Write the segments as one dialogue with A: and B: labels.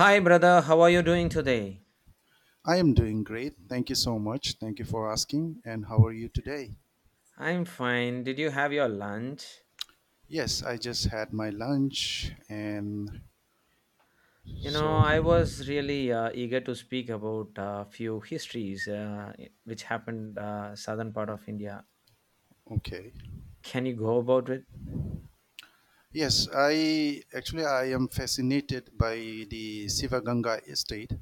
A: Hi, brother. How are you doing today?
B: I am doing great. Thank you so much. Thank you for asking. And how are you today?
A: I'm fine. Did you have your lunch?
B: Yes, I just had my lunch and
A: You know,
B: so,
A: I was really eager to speak about a few histories which happened southern part of India.
B: okay.
A: Can you go about it?
B: Yes, I am fascinated by the Sivaganga estate.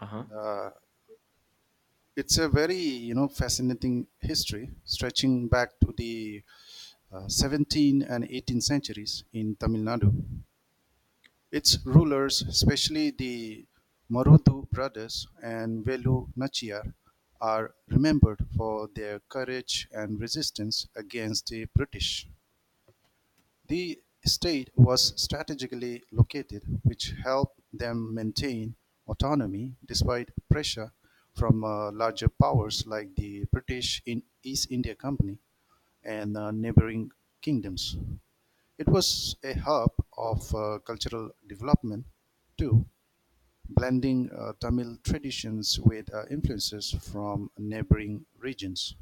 A: Uh huh.
B: Uh, it's a very fascinating history stretching back to the 17 and 18th centuries in Tamil Nadu. Its rulers, especially the Marudu brothers and Velu Nachiyar, are remembered for their courage and resistance against the British. The state was strategically located, which helped them maintain autonomy despite pressure from larger powers like the British in East India Company and neighboring kingdoms. It was a hub of cultural development too, blending Tamil traditions with influences from neighboring regions.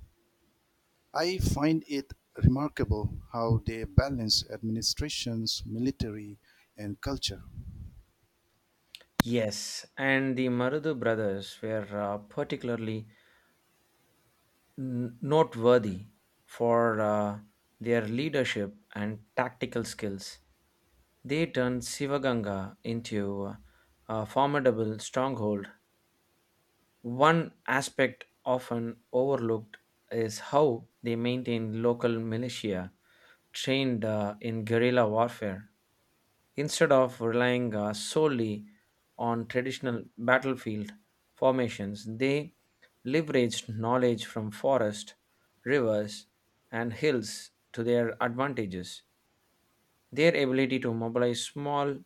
B: I find it remarkable how they balance administrations, military, and culture.
A: Yes, and the Marudu brothers were particularly noteworthy for their leadership and tactical skills. They turned Sivaganga into a formidable stronghold. One aspect often overlooked is how they maintain local militia trained in guerrilla warfare. Instead of relying solely on traditional battlefield formations, they leveraged knowledge from forest, rivers, and hills to their advantages. Their ability to mobilize small,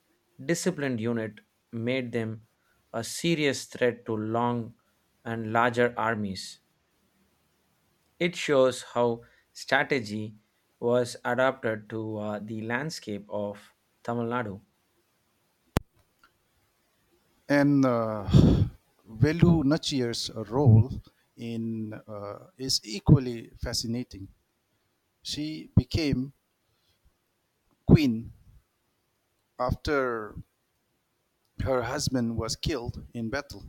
A: disciplined unit made them a serious threat to long and larger armies. It shows how strategy was adapted to the landscape of Tamil Nadu.
B: And Velu Nachiyar's role in is equally fascinating. She became queen after her husband was killed in battle.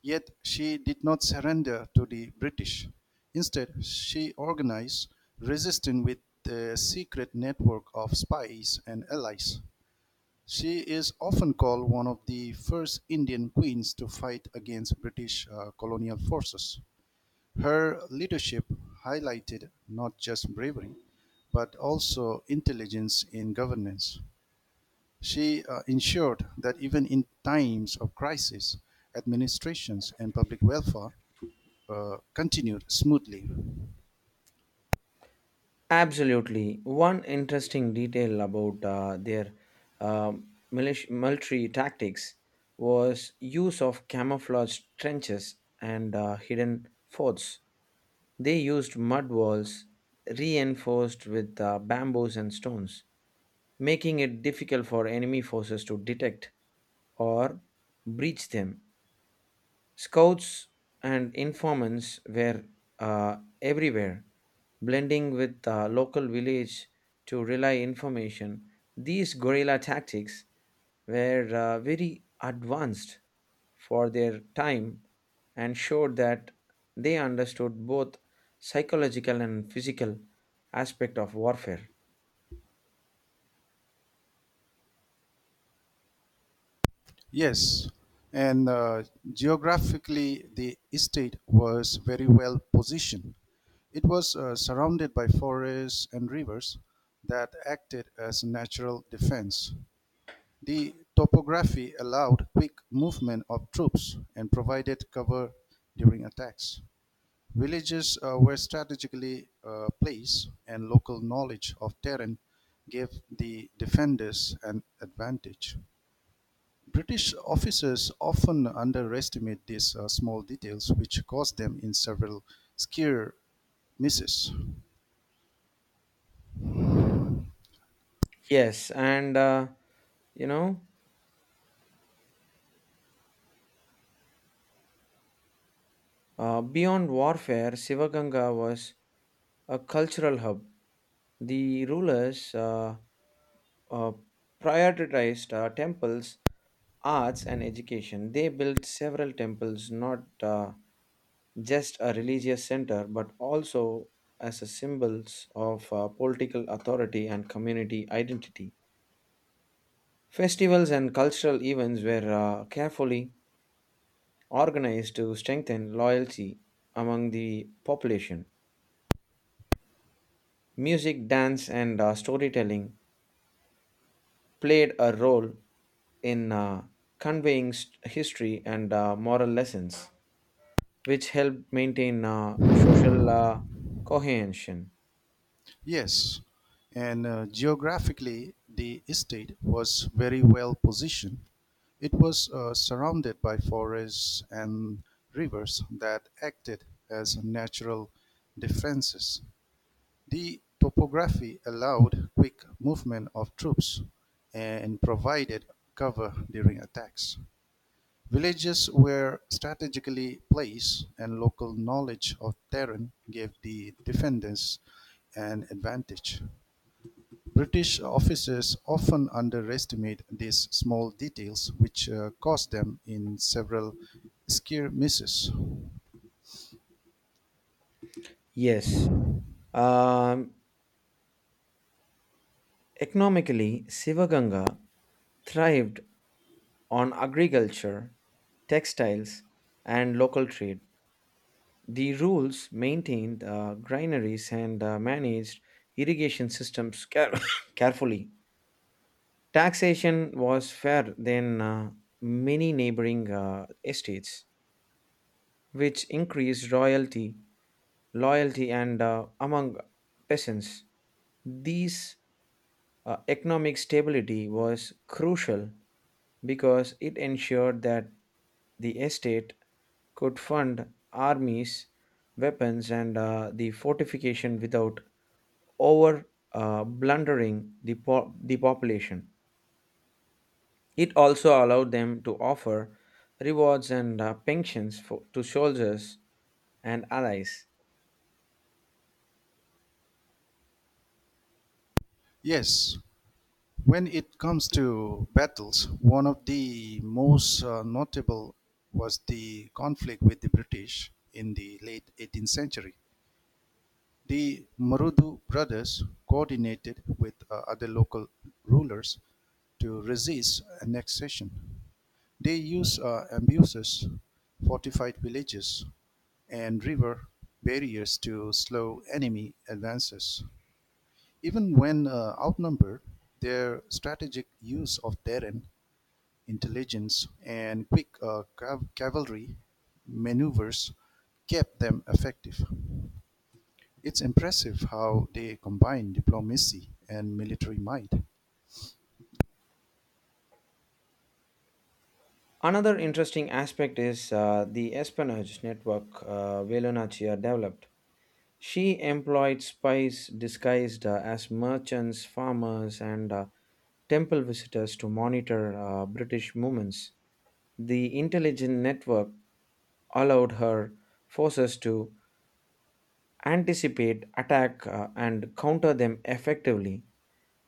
B: Yet she did not surrender to the British. Instead, she organized resistance with a secret network of spies and allies. She is often called one of the first Indian queens to fight against British colonial forces. Her leadership highlighted not just bravery, but also intelligence in governance. She ensured that even in times of crisis, administrations and public welfare continued smoothly.
A: Absolutely. One interesting detail about their military tactics was use of camouflage trenches and hidden forts. They used mud walls reinforced with bamboos and stones, making it difficult for enemy forces to detect or breach them. Scouts and informants were everywhere, blending with the local village to relay information. These guerrilla tactics were very advanced for their time and showed that they understood both psychological and physical aspect of warfare.
B: Yes, and geographically, the estate was very well positioned. It was surrounded by forests and rivers that acted as natural defense. The topography allowed quick movement of troops and provided cover during attacks. Villages were strategically placed, and local knowledge of terrain gave the defenders an advantage. British officers often underestimate these small details, which cost them in several skier misses.
A: Yes, and you know, beyond warfare, Sivaganga was a cultural hub. The rulers uh, prioritized temples, arts, and education. They built several temples, not just a religious center, but also as a symbols of political authority and community identity. Festivals and cultural events were carefully organized to strengthen loyalty among the population. Music, dance, and storytelling played a role in conveying history and moral lessons, which helped maintain social cohesion.
B: Yes, and geographically, the estate was very well positioned. It was surrounded by forests and rivers that acted as natural defenses. The topography allowed quick movement of troops and provided cover during attacks. Villages were strategically placed, and local knowledge of terrain gave the defenders an advantage. British officers often underestimate these small details, which cost them in several skirmishes.
A: Yes. Um, Economically, Sivaganga thrived on agriculture, textiles, and local trade. The rules maintained granaries and managed irrigation systems carefully. Taxation was fair than many neighboring estates, which increased royalty, loyalty, and among peasants. This economic stability was crucial because it ensured that the estate could fund armies, weapons, and the fortification without over blundering the population. It also allowed them to offer rewards and pensions for, to soldiers and allies.
B: Yes, when it comes to battles, one of the most notable was the conflict with the British in the late 18th century. The Marudu brothers coordinated with other local rulers to resist annexation. They used abuses, fortified villages, and river barriers to slow enemy advances. Even when outnumbered, their strategic use of terrain, intelligence, and quick cavalry maneuvers kept them effective. It's impressive how they combine diplomacy and military might.
A: Another interesting aspect is the espionage network Velonacia developed. She employed spies disguised as merchants, farmers, and temple visitors to monitor British movements. The intelligence network allowed her forces to anticipate attack and counter them effectively.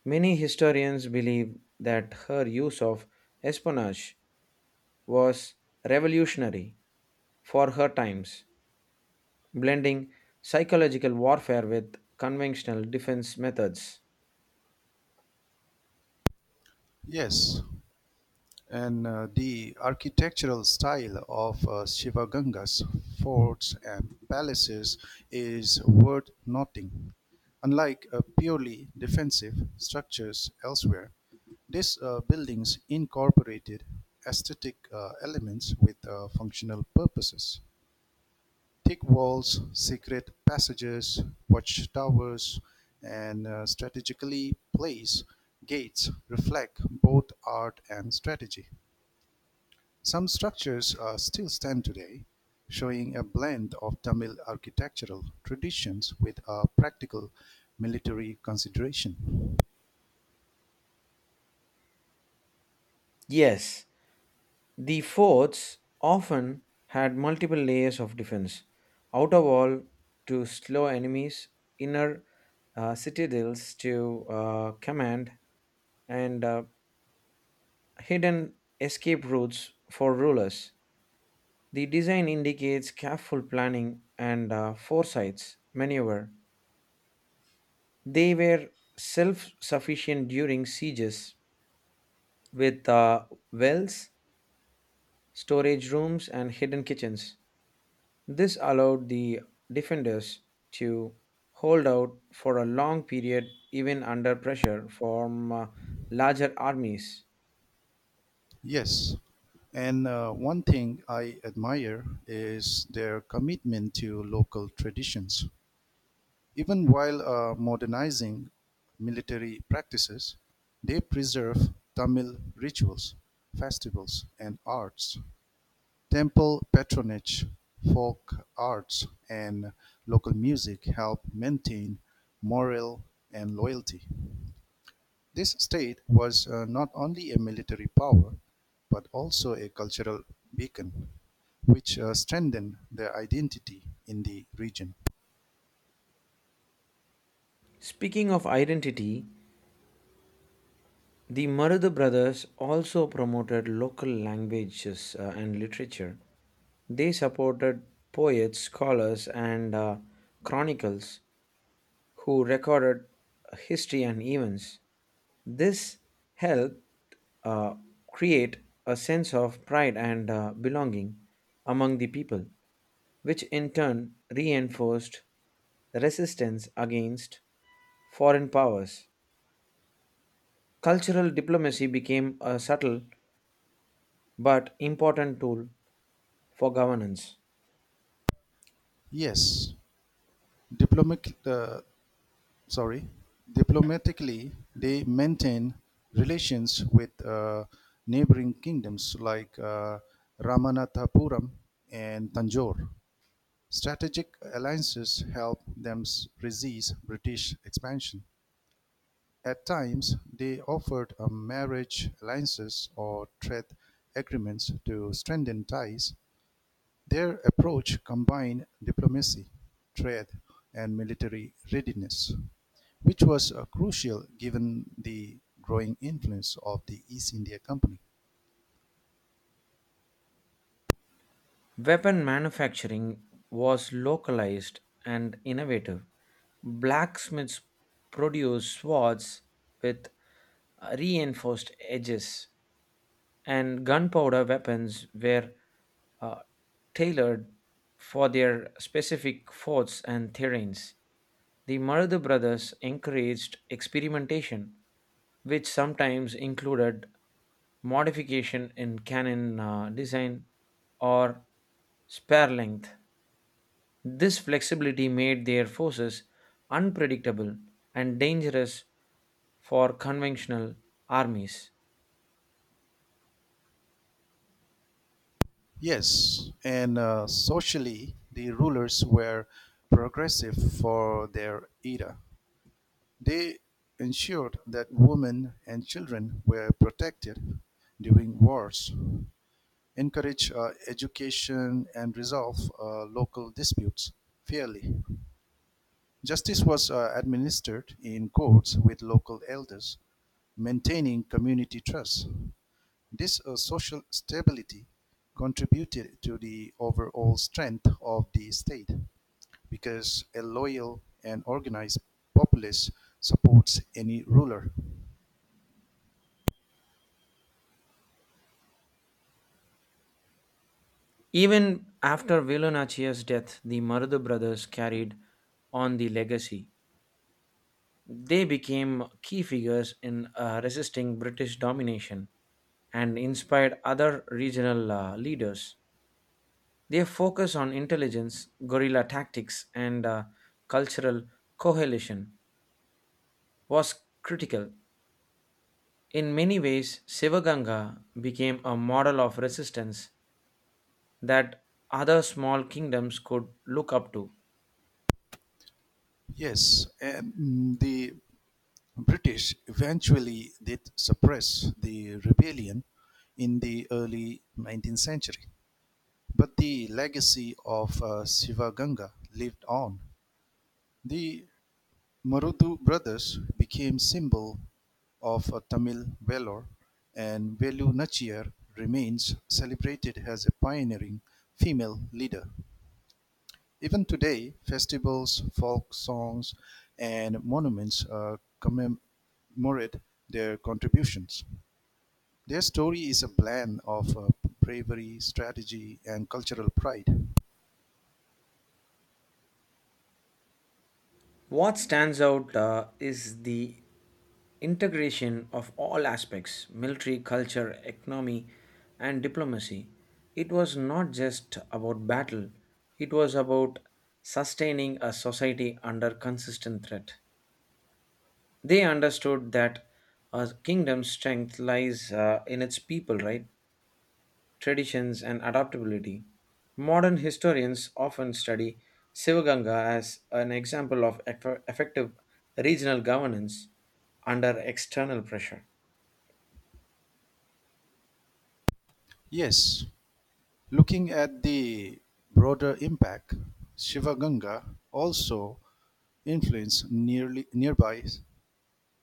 A: Many historians believe that her use of espionage was revolutionary for her times, blending psychological warfare with conventional defense methods.
B: Yes, and the architectural style of Shivaganga's forts and palaces is worth noting. Unlike purely defensive structures elsewhere, these buildings incorporated aesthetic elements with functional purposes. Thick walls, secret passages, watchtowers, and strategically placed gates reflect both art and strategy. Some structures still stand today, showing a blend of Tamil architectural traditions with a practical military consideration.
A: Yes, the forts often had multiple layers of defense, outer wall to slow enemies, inner citadels to command, and hidden escape routes for rulers. The design indicates careful planning and foresights maneuver. They were self sufficient during sieges with wells, storage rooms, and hidden kitchens. This allowed the defenders to hold out for a long period even under pressure from larger armies.
B: Yes, and one thing I admire is their commitment to local traditions. Even while modernizing military practices, they preserve Tamil rituals, festivals, and arts, temple patronage, folk arts, and local music help maintain morale and loyalty. This state was not only a military power, but also a cultural beacon, which strengthened their identity in the region.
A: Speaking of identity, the Marudha brothers also promoted local languages and literature. They supported poets, scholars, and chronicles who recorded history and events. This helped uh, create a sense of pride and belonging among the people, which in turn reinforced resistance against foreign powers. Cultural diplomacy became a subtle but important tool for governance.
B: Yes, diplomatic, uh, sorry, diplomatically, they maintain relations with neighboring kingdoms like Ramanathapuram and Tanjore. Strategic alliances helped them resist British expansion. At times, they offered marriage alliances or trade agreements to strengthen ties. Their approach combined diplomacy, trade, and military readiness, which was crucial given the growing influence of the East India Company.
A: Weapon manufacturing was localized and innovative. Blacksmiths produced swords with reinforced edges, and gunpowder weapons were uh, tailored for their specific forts and terrains. The Maradu brothers encouraged experimentation, which sometimes included modification in cannon design or spare length. This flexibility made their forces unpredictable and dangerous for conventional armies.
B: Yes, and socially, the rulers were progressive for their era. They ensured that women and children were protected during wars, encouraged education, and resolved local disputes fairly. Justice was administered in courts with local elders, maintaining community trust. This social stability contributed to the overall strength of the state because a loyal and organized populace supports any ruler.
A: Even after Velunachia's death, the Marudu brothers carried on the legacy. They became key figures in resisting British domination and inspired other regional leaders. Their focus on intelligence, guerrilla tactics, and cultural coalition was critical. In many ways, Sivaganga became a model of resistance that other small kingdoms could look up to.
B: Yes, the British eventually did suppress the rebellion in the early 19th century. But the legacy of Sivaganga lived on. The Marudu brothers became symbol of Tamil valor, and Velu Nachiyar remains celebrated as a pioneering female leader. Even today, festivals, folk songs, and monuments commemorate their contributions. Their story is a blend of bravery, strategy, and cultural pride.
A: What stands out is the integration of all aspects military, culture, economy, and diplomacy. It was not just about battle, it was about sustaining a society under consistent threat. They understood that a kingdom's strength lies in its people, right? Traditions, and adaptability. Modern historians often study Sivaganga as an example of effective regional governance under external pressure.
B: Yes, looking at the broader impact, Shivaganga also influenced nearby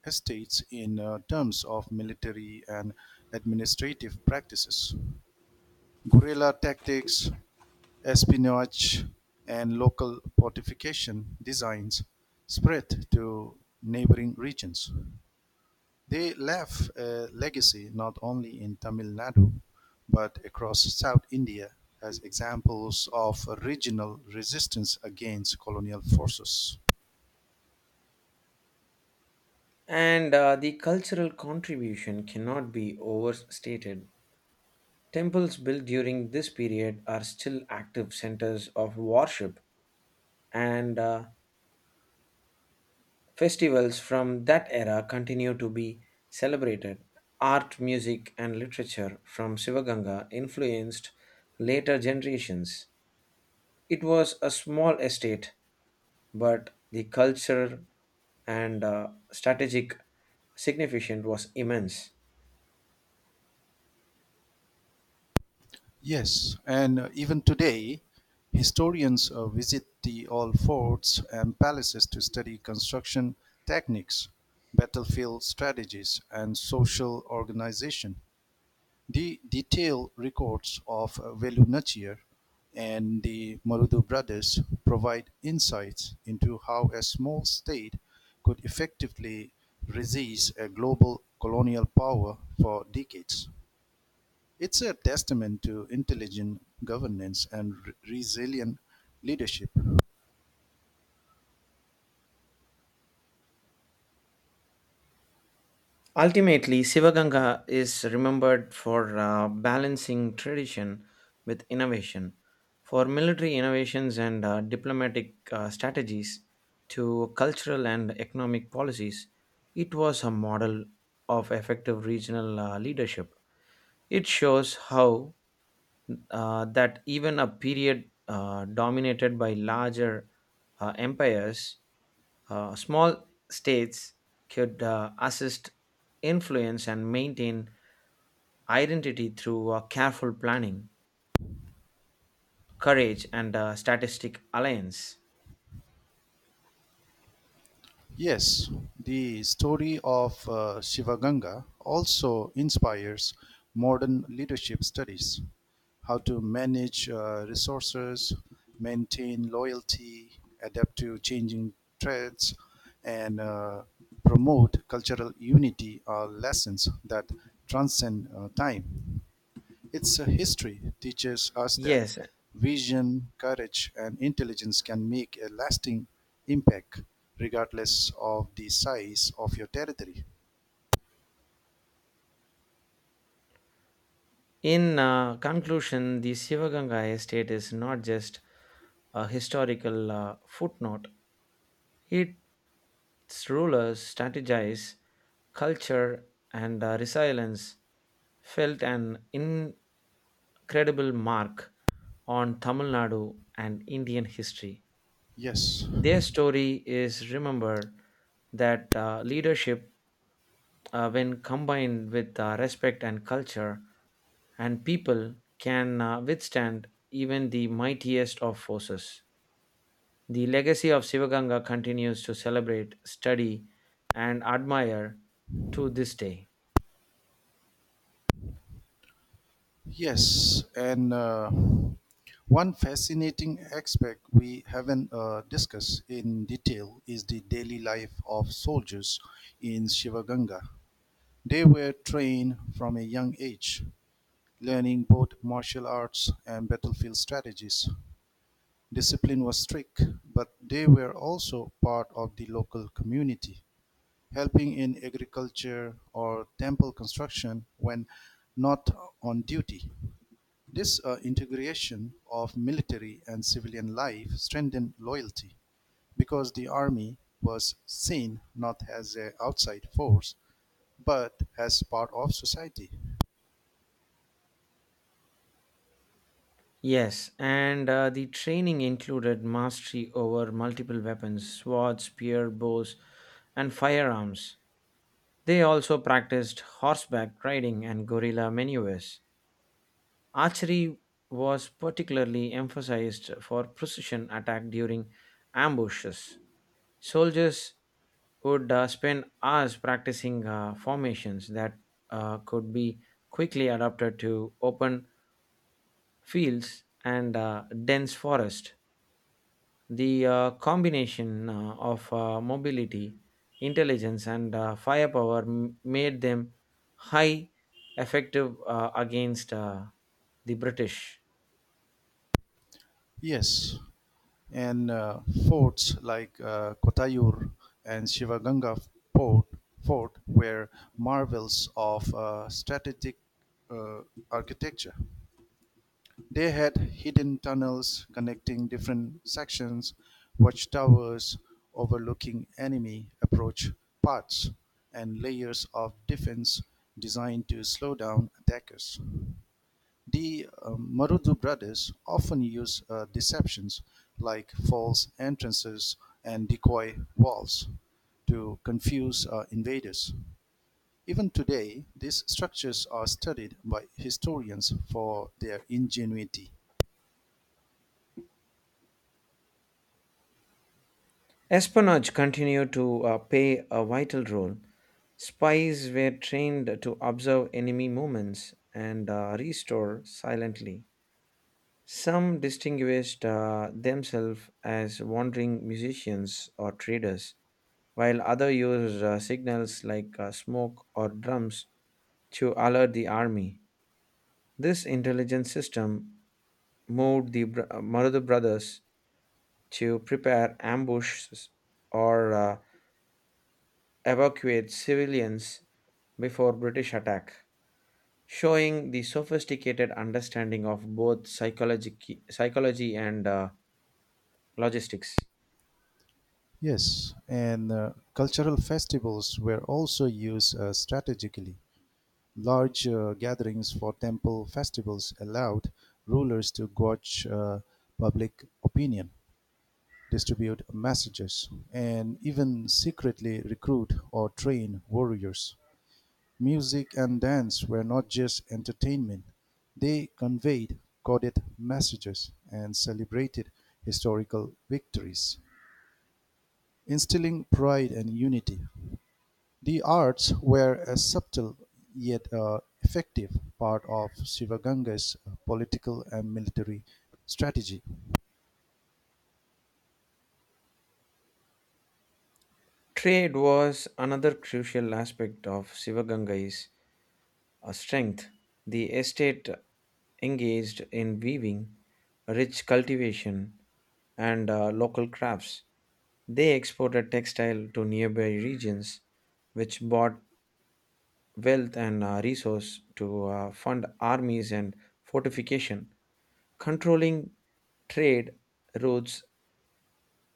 B: estates in terms of military and administrative practices, guerrilla tactics, espionage, and local fortification designs spread to neighboring regions. They left a legacy not only in Tamil Nadu but across South India as examples of regional resistance against colonial forces.
A: And the cultural contribution cannot be overstated. Temples built during this period are still active centers of worship, and festivals from that era continue to be celebrated. Art, music, and literature from Sivaganga influenced later generations. It was a small estate, but the culture and strategic significance was immense.
B: Yes, and even today, historians visit the old forts and palaces to study construction techniques, battlefield strategies, and social organization. The detailed records of Velu Nachiyar and the Marudu brothers provide insights into how a small state could effectively resist a global colonial power for decades. It's a testament to intelligent governance and resilient leadership.
A: Ultimately, Sivaganga is remembered for balancing tradition with innovation, for military innovations and diplomatic strategies to cultural and economic policies. It was a model of effective regional leadership. It shows how that even a period dominated by larger empires, small states could assist, influence, and maintain identity through careful planning, courage, and statistic alliance.
B: Yes, the story of Shivaganga also inspires modern leadership studies how to manage resources, maintain loyalty, adapt to changing threats, and promote cultural unity are lessons that transcend time. Its history teaches us that
A: Yes,
B: vision, courage, and intelligence can make a lasting impact regardless of the size of your territory.
A: in conclusion, the Sivaganga estate is not just a historical footnote, its rulers strategize culture and resilience felt an incredible mark on Tamil Nadu and Indian history.
B: Yes,
A: Their story is remembered that leadership, when combined with respect and culture and people, can withstand even the mightiest of forces. The legacy of Sivaganga continues to celebrate, study, and admire to this day.
B: yes, and one fascinating aspect we haven't discussed in detail is the daily life of soldiers in Shivaganga. They were trained from a young age, learning both martial arts and battlefield strategies. Discipline was strict, but they were also part of the local community, helping in agriculture or temple construction when not on duty. This integration of military and civilian life strengthened loyalty because the army was seen not as an outside force but as part of society.
A: Yes, and the training included mastery over multiple weapons, swords, spear, bows, and firearms. They also practiced horseback riding and guerrilla maneuvers. Archery was particularly emphasized for precision attack during ambushes. Soldiers would spend hours practicing formations that could be quickly adapted to open fields and dense forest. The combination of mobility, intelligence, and firepower made them high effective against the British.
B: Yes, and forts like Kottayur and Shivaganga Fort, fort were marvels of strategic uh, architecture. They had hidden tunnels connecting different sections, watchtowers overlooking enemy approach paths, and layers of defense designed to slow down attackers. The Marudu brothers often use deceptions like false entrances and decoy walls to confuse invaders. Even today, these structures are studied by historians for their ingenuity.
A: Espionage continued to play a vital role. Spies were trained to observe enemy movements and restore silently. Some distinguished themselves as wandering musicians or traders while others used signals like smoke or drums to alert the army. This intelligence system moved the Marudu brothers to prepare ambushes or evacuate civilians before British attack, showing the sophisticated understanding of both psychology and logistics.
B: Yes, and cultural festivals were also used strategically. Large gatherings for temple festivals allowed rulers to gauge public opinion, distribute messages, and even secretly recruit or train warriors. Music and dance were not just entertainment, they conveyed coded messages and celebrated historical victories, instilling pride and unity. The arts were a subtle yet effective part of Shivaganga's political and military strategy.
A: Trade was another crucial aspect of Sivagangai's a strength. The estate engaged in weaving, rich cultivation, and local crafts. They exported textile to nearby regions, which brought wealth and resource to fund armies and fortification. Controlling trade routes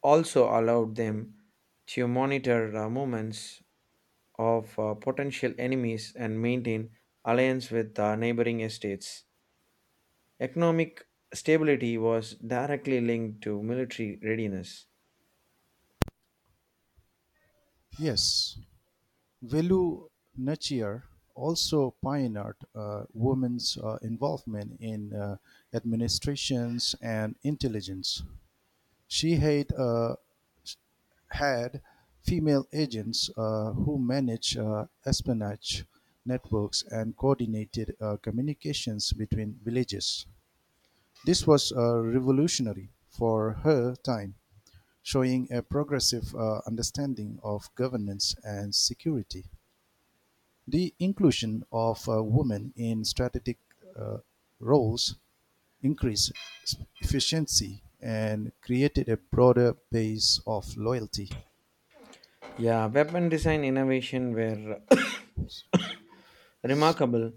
A: also allowed them to monitor movements of potential enemies and maintain alliance with neighboring estates. Economic stability was directly linked to military readiness.
B: Yes, Velu Nachiyar also pioneered women's involvement in administrations and intelligence. She had female agents who managed espionage networks and coordinated communications between villages. This was revolutionary for her time, showing a progressive understanding of governance and security. The inclusion of women in strategic uh, roles increased efficiency and created a broader base of loyalty.
A: Yeah, weapon design innovation were remarkable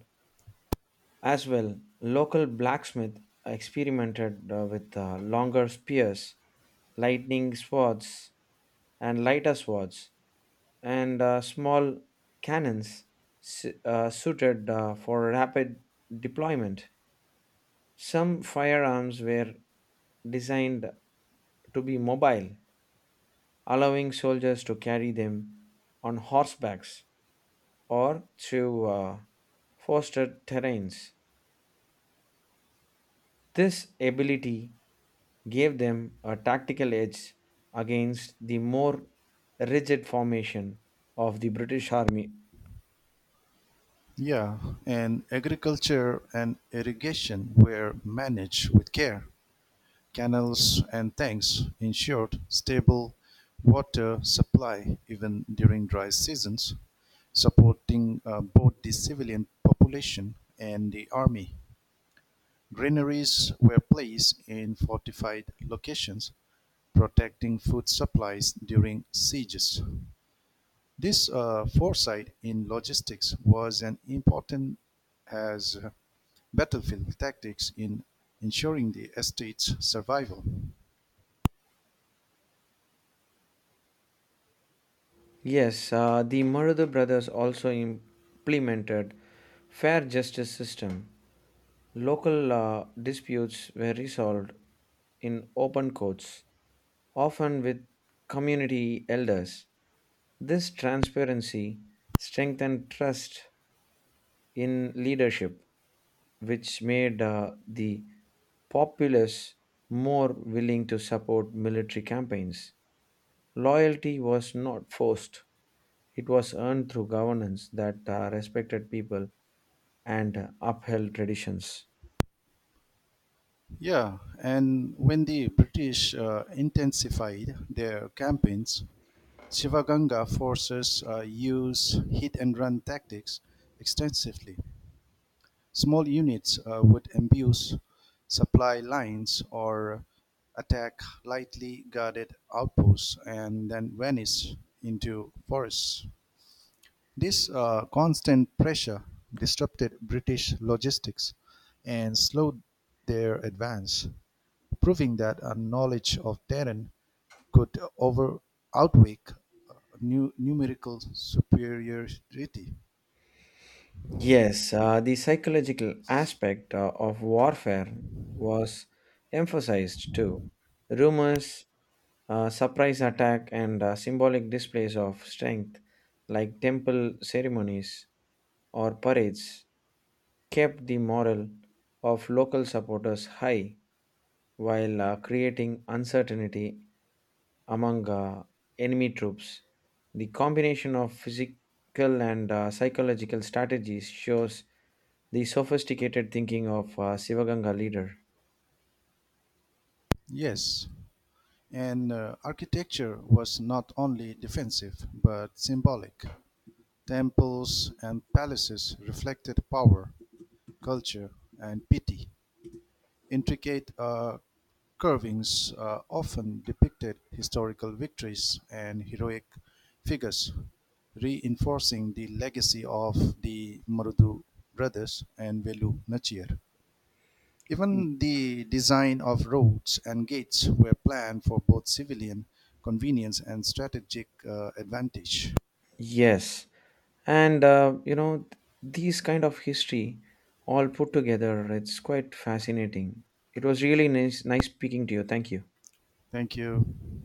A: as well. Local blacksmith experimented with longer spears, lightning swords, and lighter swords, and small cannons suited for rapid deployment. Some firearms were designed to be mobile, allowing soldiers to carry them on horsebacks or through fostered terrains. This ability gave them a tactical edge against the more rigid formation of the British Army.
B: Yeah, and agriculture and irrigation were managed with care. Canals and tanks ensured stable water supply even during dry seasons, supporting both the civilian population and the army. Granaries were placed in fortified locations, protecting food supplies during sieges. This foresight in logistics was an important as battlefield tactics in ensuring the estate's survival.
A: Yes, the Marudha brothers also implemented fair justice system. Local disputes were resolved in open courts, often with community elders. This transparency strengthened trust in leadership, which made the populace more willing to support military campaigns. Loyalty was not forced, it was earned through governance that respected people and upheld traditions.
B: Yeah, and when the British intensified their campaigns, Shivaganga forces used hit and run tactics extensively. Small units would ambush supply lines or attack lightly guarded outposts and then vanish into forests. This constant pressure disrupted British logistics and slowed their advance, proving that a knowledge of terrain could over outweigh uh, numerical superiority.
A: Yes, the psychological aspect of warfare was emphasized too. Rumors, surprise attack, and symbolic displays of strength, like temple ceremonies or parades, kept the morale of local supporters high while creating uncertainty among enemy troops. The combination of physical and psychological strategies shows the sophisticated thinking of Sivaganga leader.
B: Yes, and architecture was not only defensive but symbolic. Temples and palaces reflected power, culture, and piety. Intricate carvings often depicted historical victories and heroic figures, reinforcing the legacy of the Marudu brothers and Velu Nachiyar. Even the design of roads and gates were planned for both civilian convenience and strategic advantage.
A: Yes, and you know these kind of history all put together, it's quite fascinating. It was really nice speaking to you. Thank you.
B: Thank you.